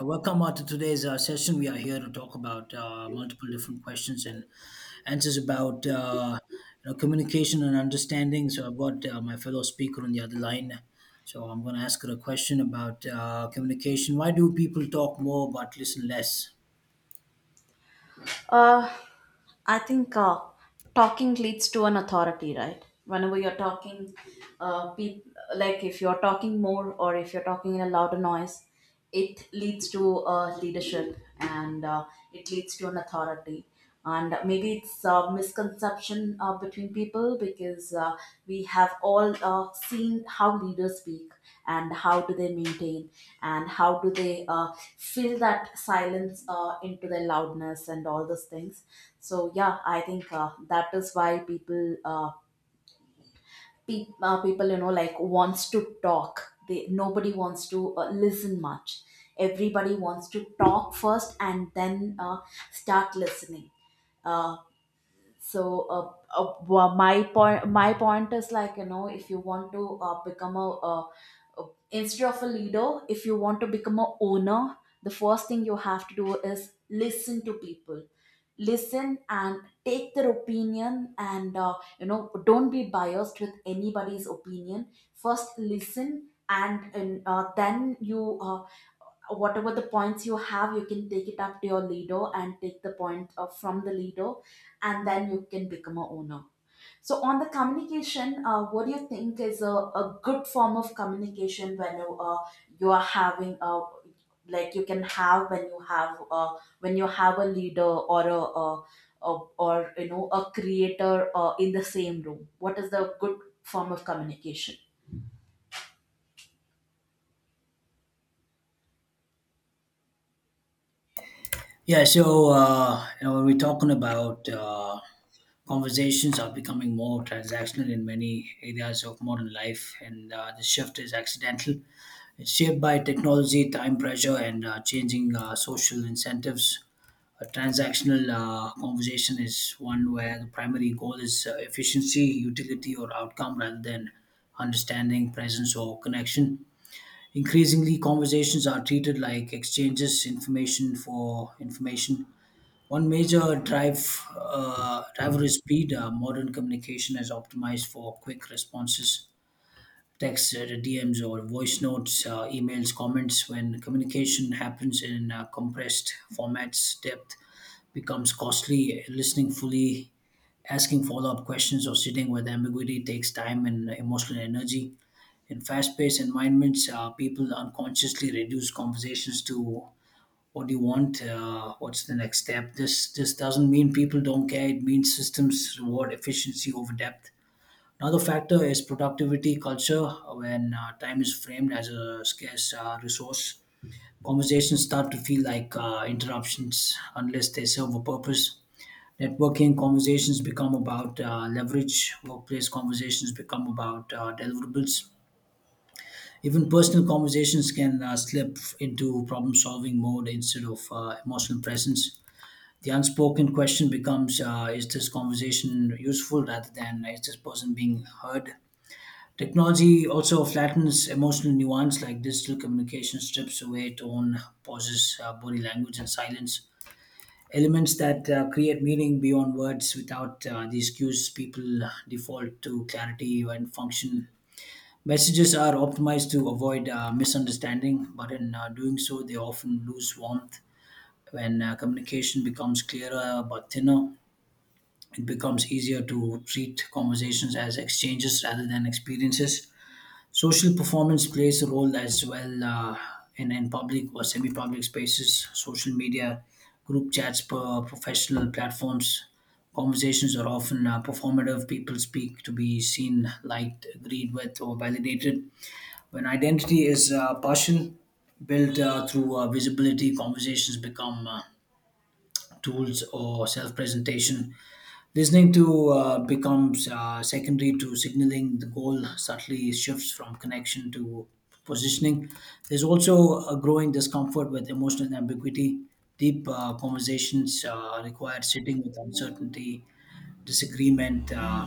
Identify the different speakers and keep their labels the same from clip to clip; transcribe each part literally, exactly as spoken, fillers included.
Speaker 1: Uh, Welcome uh, to today's uh, session. We are here to talk about uh, multiple different questions and answers about uh, you know, communication and understanding. So I've got uh, my fellow speaker on the other line. So I'm going to ask her a question about uh, communication. Why do people talk more but listen less?
Speaker 2: Uh, I think uh, talking leads to an authority, right? Whenever you're talking, uh, pe- like if you're talking more or if you're talking in a louder noise, it leads to uh, leadership and uh, it leads to an authority. And maybe it's a misconception uh, between people because uh, we have all uh, seen how leaders speak and how do they maintain and how do they uh, fill that silence uh, into their loudness and all those things. So yeah, I think uh, that is why people uh, pe- uh, people you know like wants to talk. They nobody wants to uh, listen much. Everybody wants to talk first and then uh, start listening. Uh, so uh, uh, wha- my point my point is like, you know if you want to uh, become a uh, uh, instead of a leader, if you want to become a owner, the first thing you have to do is listen to people. Listen and take their opinion and uh, you know, don't be biased with anybody's opinion. First listen, and, and uh, then you, uh, whatever the points you have, you can take it up to your leader and take the point uh, from the leader, and then you can become a owner. So on the communication, uh, what do you think is a, a good form of communication when you, uh, you are having a, like you can have when you have uh, when you have a leader or a, a, a or you know, a creator uh, in the same room, what is the good form of communication?
Speaker 1: Yeah, so uh, you know when we're talking about uh, conversations are becoming more transactional in many areas of modern life, and uh, the shift is accidental. It's shaped by technology, time pressure, and uh, changing uh, social incentives. A transactional uh, conversation is one where the primary goal is uh, efficiency, utility, or outcome rather than understanding, presence, or connection. Increasingly, conversations are treated like exchanges, information for information. One major drive, uh, Driver is speed. Uh, modern communication is optimized for quick responses texts, uh, D Ms, or voice notes, uh, emails, comments. When communication happens in uh, compressed formats, depth becomes costly. Listening fully, asking follow up questions, or sitting with ambiguity takes time and emotional energy. In fast paced environments, uh, people unconsciously reduce conversations to what do you want? Uh, what's the next step? This this doesn't mean people don't care. It means systems reward efficiency over depth. Another factor is productivity culture, when uh, time is framed as a scarce uh, resource. Conversations start to feel like uh, interruptions unless they serve a purpose. Networking conversations become about uh, leverage, workplace conversations become about uh, deliverables. Even personal conversations can uh, slip into problem solving mode instead of uh, emotional presence. The unspoken question becomes uh, is this conversation useful rather than uh, is this person being heard? Technology also flattens emotional nuance, like digital communication strips away tone, pauses, uh, body language, and silence. Elements that uh, create meaning beyond words. Without uh, these cues, people default to clarity and function. Messages are optimized to avoid uh, misunderstanding, but in uh, doing so, they often lose warmth. When uh, communication becomes clearer but thinner, it becomes easier to treat conversations as exchanges rather than experiences. Social performance plays a role as well, uh, in, in public or semi public spaces, social media, group chats, per professional platforms. Conversations are often uh, performative. People speak to be seen, liked, agreed with, or validated. When identity is uh, partial, built uh, through uh, visibility, conversations become uh, tools or self-presentation. Listening to uh, becomes uh, secondary to signaling, the goal subtly shifts from connection to positioning. There's also a growing discomfort with emotional ambiguity. Deep uh, conversations uh, require sitting with uncertainty, disagreement, uh,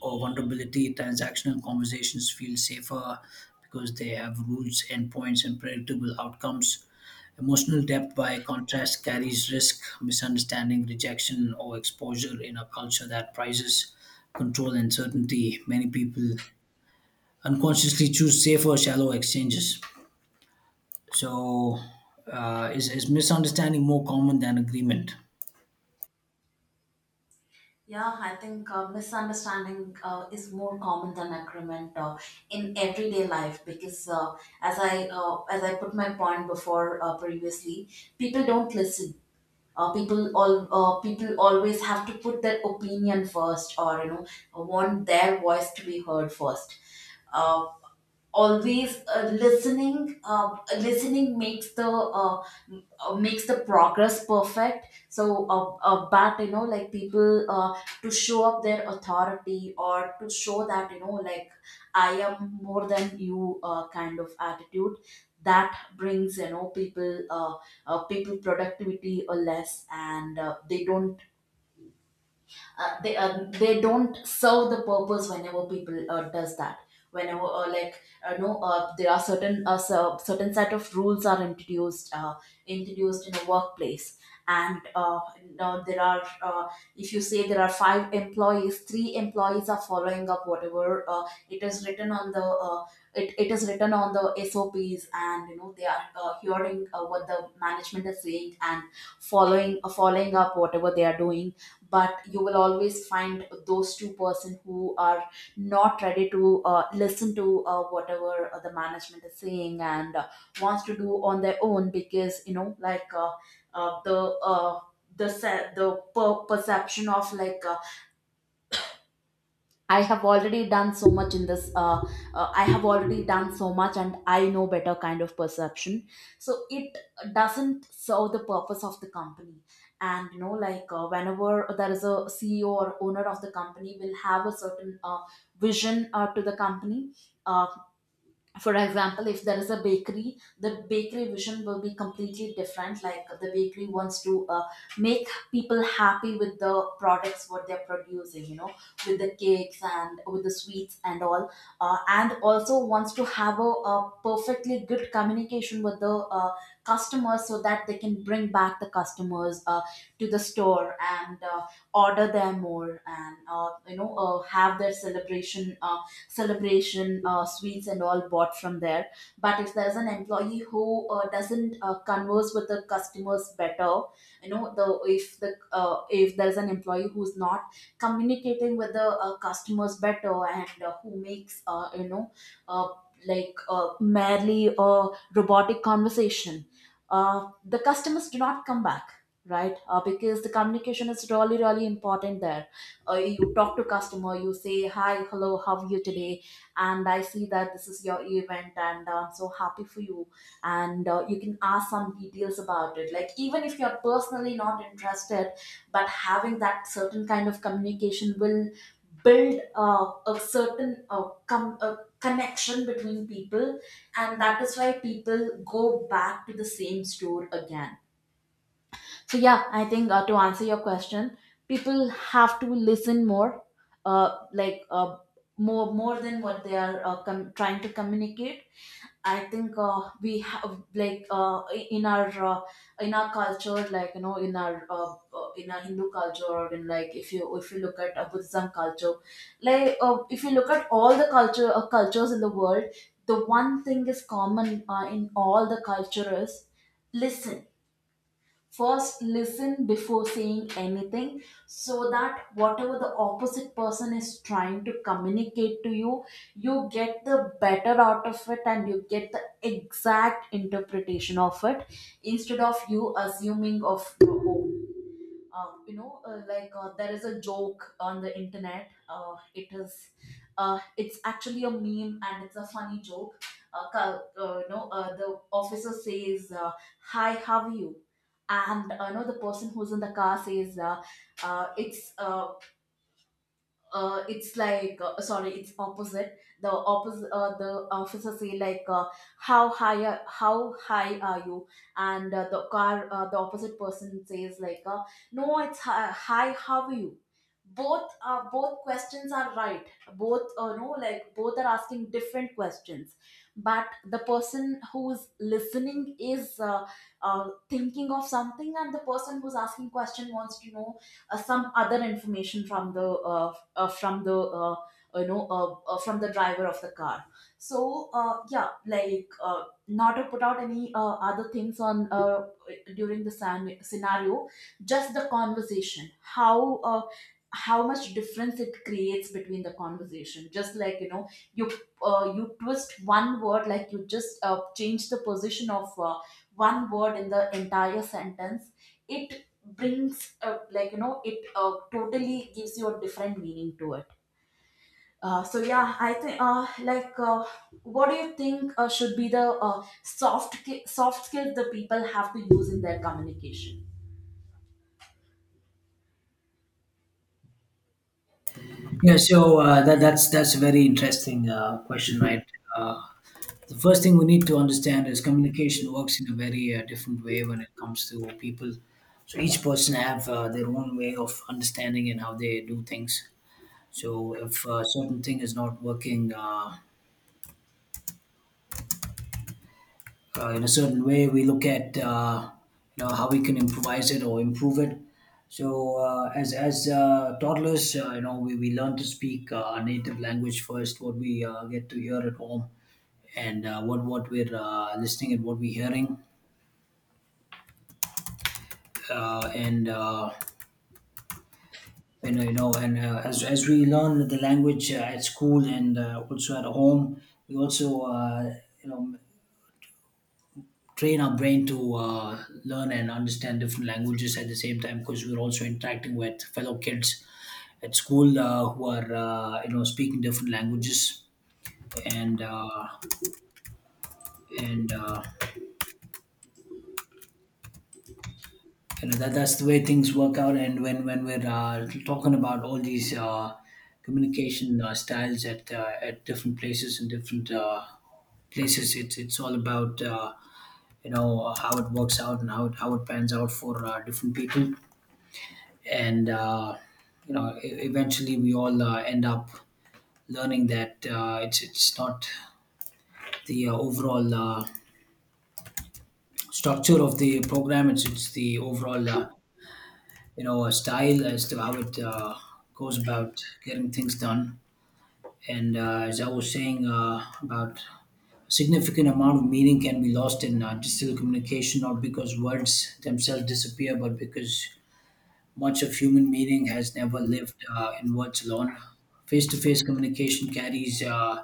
Speaker 1: or vulnerability. Transactional conversations feel safer because they have rules, endpoints, and predictable outcomes. Emotional depth, by contrast, carries risk, misunderstanding, rejection, or exposure in a culture that prizes control and certainty. Many people unconsciously choose safer, shallow exchanges. So, uh, is, is misunderstanding more common than agreement?
Speaker 2: Yeah, I think uh, misunderstanding uh, is more common than agreement uh, in everyday life, because uh, as I uh, as I put my point before uh, previously, people don't listen. Uh, people all uh, people always have to put their opinion first, or you know, want their voice to be heard first. Uh, always uh, listening uh, Listening makes the uh, m- uh, makes the progress perfect. So uh, uh, but you know, like people uh, to show up their authority, or to show that you know, like I am more than you uh, kind of attitude, that brings, you know, people uh, uh, people productivity or less, and uh, they don't uh, they uh, they don't serve the purpose whenever people uh, does that. Whenever uh, like uh, no uh, There are certain uh, cer- certain set of rules are introduced, uh, introduced in a workplace, and uh, now there are uh, if you say there are five employees, three employees are following up whatever uh, it is written on the, uh, it, it is written on the sops, and you know they are uh, hearing uh, what the management is saying and following uh, following up whatever they are doing. But you will always find those two person who are not ready to uh, listen to uh, whatever uh, the management is saying, and uh, wants to do on their own, because you know, like uh, uh, the uh, the se- the per- perception of like uh, I have already done so much in this. Uh, uh, I have already done so much, and I know better kind of perception. So it doesn't serve the purpose of the company. And you know, like uh, whenever there is a C E O or owner of the company will have a certain uh, vision uh, to the company. Uh, for example, if there is a bakery, the bakery vision will be completely different. Like the bakery wants to uh, make people happy with the products what they're producing, you know, with the cakes and with the sweets and all. Uh, and also wants to have a, a perfectly good communication with the uh, customers, so that they can bring back the customers uh, to the store and uh, order them more, and uh, you know uh, have their celebration uh, celebration, uh, sweets, and all bought from there. But if there's an employee who uh, doesn't uh, converse with the customers better, you know, the, if the, uh, if there's an employee who's not communicating with the uh, customers better, and uh, who makes uh, you know uh, like uh, merely a robotic conversation, uh, the customers do not come back, right? Uh, because the communication is really really important there. Uh, you talk to customer, you say hi, hello, how are you today, and I see that this is your event, and uh, so happy for you. And uh, you can ask some details about it, like even if you're personally not interested, but having that certain kind of communication will build uh, a certain uh, com- a connection between people, and that is why people go back to the same store again. So yeah, I think uh, to answer your question, people have to listen more, uh, like uh, more more than what they are uh, com- trying to communicate. I think uh, we have like uh, in our uh, in our culture, like, you know, in our uh, uh, in our Hindu culture, or, in like, if you, if you look at uh, Buddhism culture, like uh, if you look at all the culture uh, cultures in the world, the one thing is common uh, in all the cultures. Listen. First listen before saying anything, so that whatever the opposite person is trying to communicate to you, you get the better out of it, and you get the exact interpretation of it, instead of you assuming of your own. Uh, you know uh, like uh, there is a joke on the internet. Uh, it is uh, it's actually a meme, and it's a funny joke. Uh, ca- uh, you know uh, the officer says, uh, hi, how are you? And uh, you know, the person who's in the car says, uh, uh, it's uh, uh, it's like uh, sorry, it's opposite, the opposite, uh, the officer say like, uh, how high are, how high are you? And uh, the car uh, the opposite person says like, uh, no, it's hi, hi, how are you? Both uh, both questions are right. both uh, no like Both are asking different questions, but the person who's listening is uh, uh, thinking of something, and the person who's asking question wants to know uh, some other information from the, uh, uh, from the uh, you know uh, uh, from the driver of the car. So uh, yeah, like, uh, not to put out any uh, other things on uh, during the san- scenario. Just the conversation, how uh, how much difference it creates between the conversation. Just like, you know, you, uh, you twist one word, like you just uh, change the position of uh, one word in the entire sentence, it brings up, like you know, it uh, totally gives you a different meaning to it. Uh, so yeah, I think uh, like uh, what do you think uh, should be the uh, soft ki- soft skills the people have to use in their communication?
Speaker 1: Yeah, so uh, that, that's that's a very interesting uh, question, right? Uh, The first thing we need to understand is communication works in a very uh, different way when it comes to people. So each person have uh, their own way of understanding and how they do things. So if a certain thing is not working uh, uh, in a certain way, we look at uh, you know how we can improvise it or improve it. So uh, as as uh, toddlers, uh, you know we, we learn to speak uh, our native language first. What we uh, get to hear at home and uh, what what we're uh, listening and what we're hearing, uh, and uh, and uh, you know and uh, as, as we learn the language uh, at school and uh, also at home, we also uh, you know train our brain to uh, learn and understand different languages at the same time because we're also interacting with fellow kids at school uh, who are uh, you know speaking different languages, and uh, and uh, you know that that's the way things work out. And when when we're uh, talking about all these uh, communication uh, styles at uh, at different places and different uh, places, it's it's all about uh, you know how it works out and how it, how it pans out for uh, different people. And uh, you know, e- eventually we all uh, end up learning that uh, it's it's not the uh, overall uh, structure of the program, it's it's the overall uh, you know a style as to how it uh, goes about getting things done. And uh, as I was saying uh, about significant amount of meaning can be lost in uh, digital communication, not because words themselves disappear but because much of human meaning has never lived uh, in words alone. Face-to-face communication carries uh,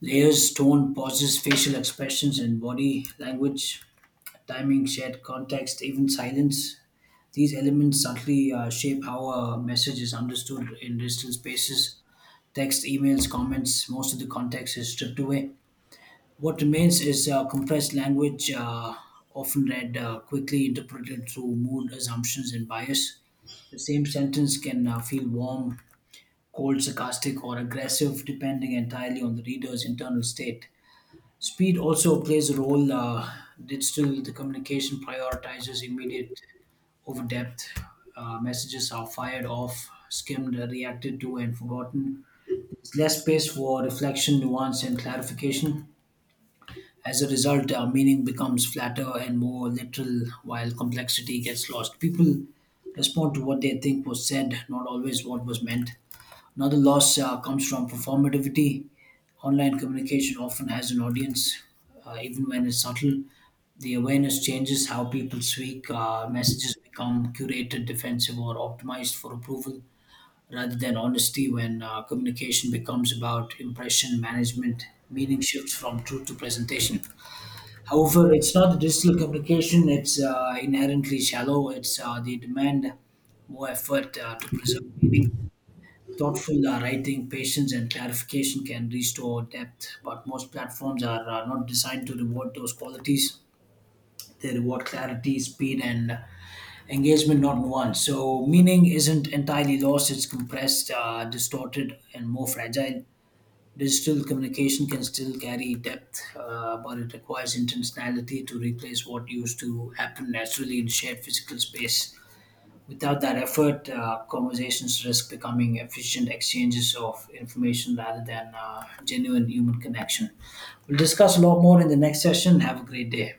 Speaker 1: layers, tone, pauses, facial expressions and body language, timing, shared context, even silence. These elements subtly uh, shape how a message is understood in digital spaces. Text, emails, comments, most of the context is stripped away. What remains is uh, compressed language, uh, often read uh, quickly, interpreted through mood assumptions and bias. The same sentence can uh, feel warm, cold, sarcastic, or aggressive, depending entirely on the reader's internal state. Speed also plays a role. Uh, digital the communication prioritizes immediate over depth. Uh, messages are fired off, skimmed, reacted to, and forgotten. There's less space for reflection, nuance, and clarification. As a result, uh, meaning becomes flatter and more literal, while complexity gets lost. People respond to what they think was said, not always what was meant. Another loss uh, comes from performativity. Online communication often has an audience, uh, even when it's subtle. The awareness changes how people speak. Uh, messages become curated, defensive, or optimized for approval rather than honesty. When uh, communication becomes about impression management, meaning shifts from truth to presentation. However, it's not the digital communication, it's uh, inherently shallow. It's uh, they demand more effort uh, to preserve meaning. Thoughtful uh, writing, patience, and clarification can restore depth, but most platforms are uh, not designed to reward those qualities. They reward clarity, speed, and engagement, not nuance. So, meaning isn't entirely lost, it's compressed, uh, distorted, and more fragile. Digital communication can still carry depth, uh, but it requires intentionality to replace what used to happen naturally in shared physical space. Without that effort, uh, conversations risk becoming efficient exchanges of information rather than uh, genuine human connection. We'll discuss a lot more in the next session. Have a great day.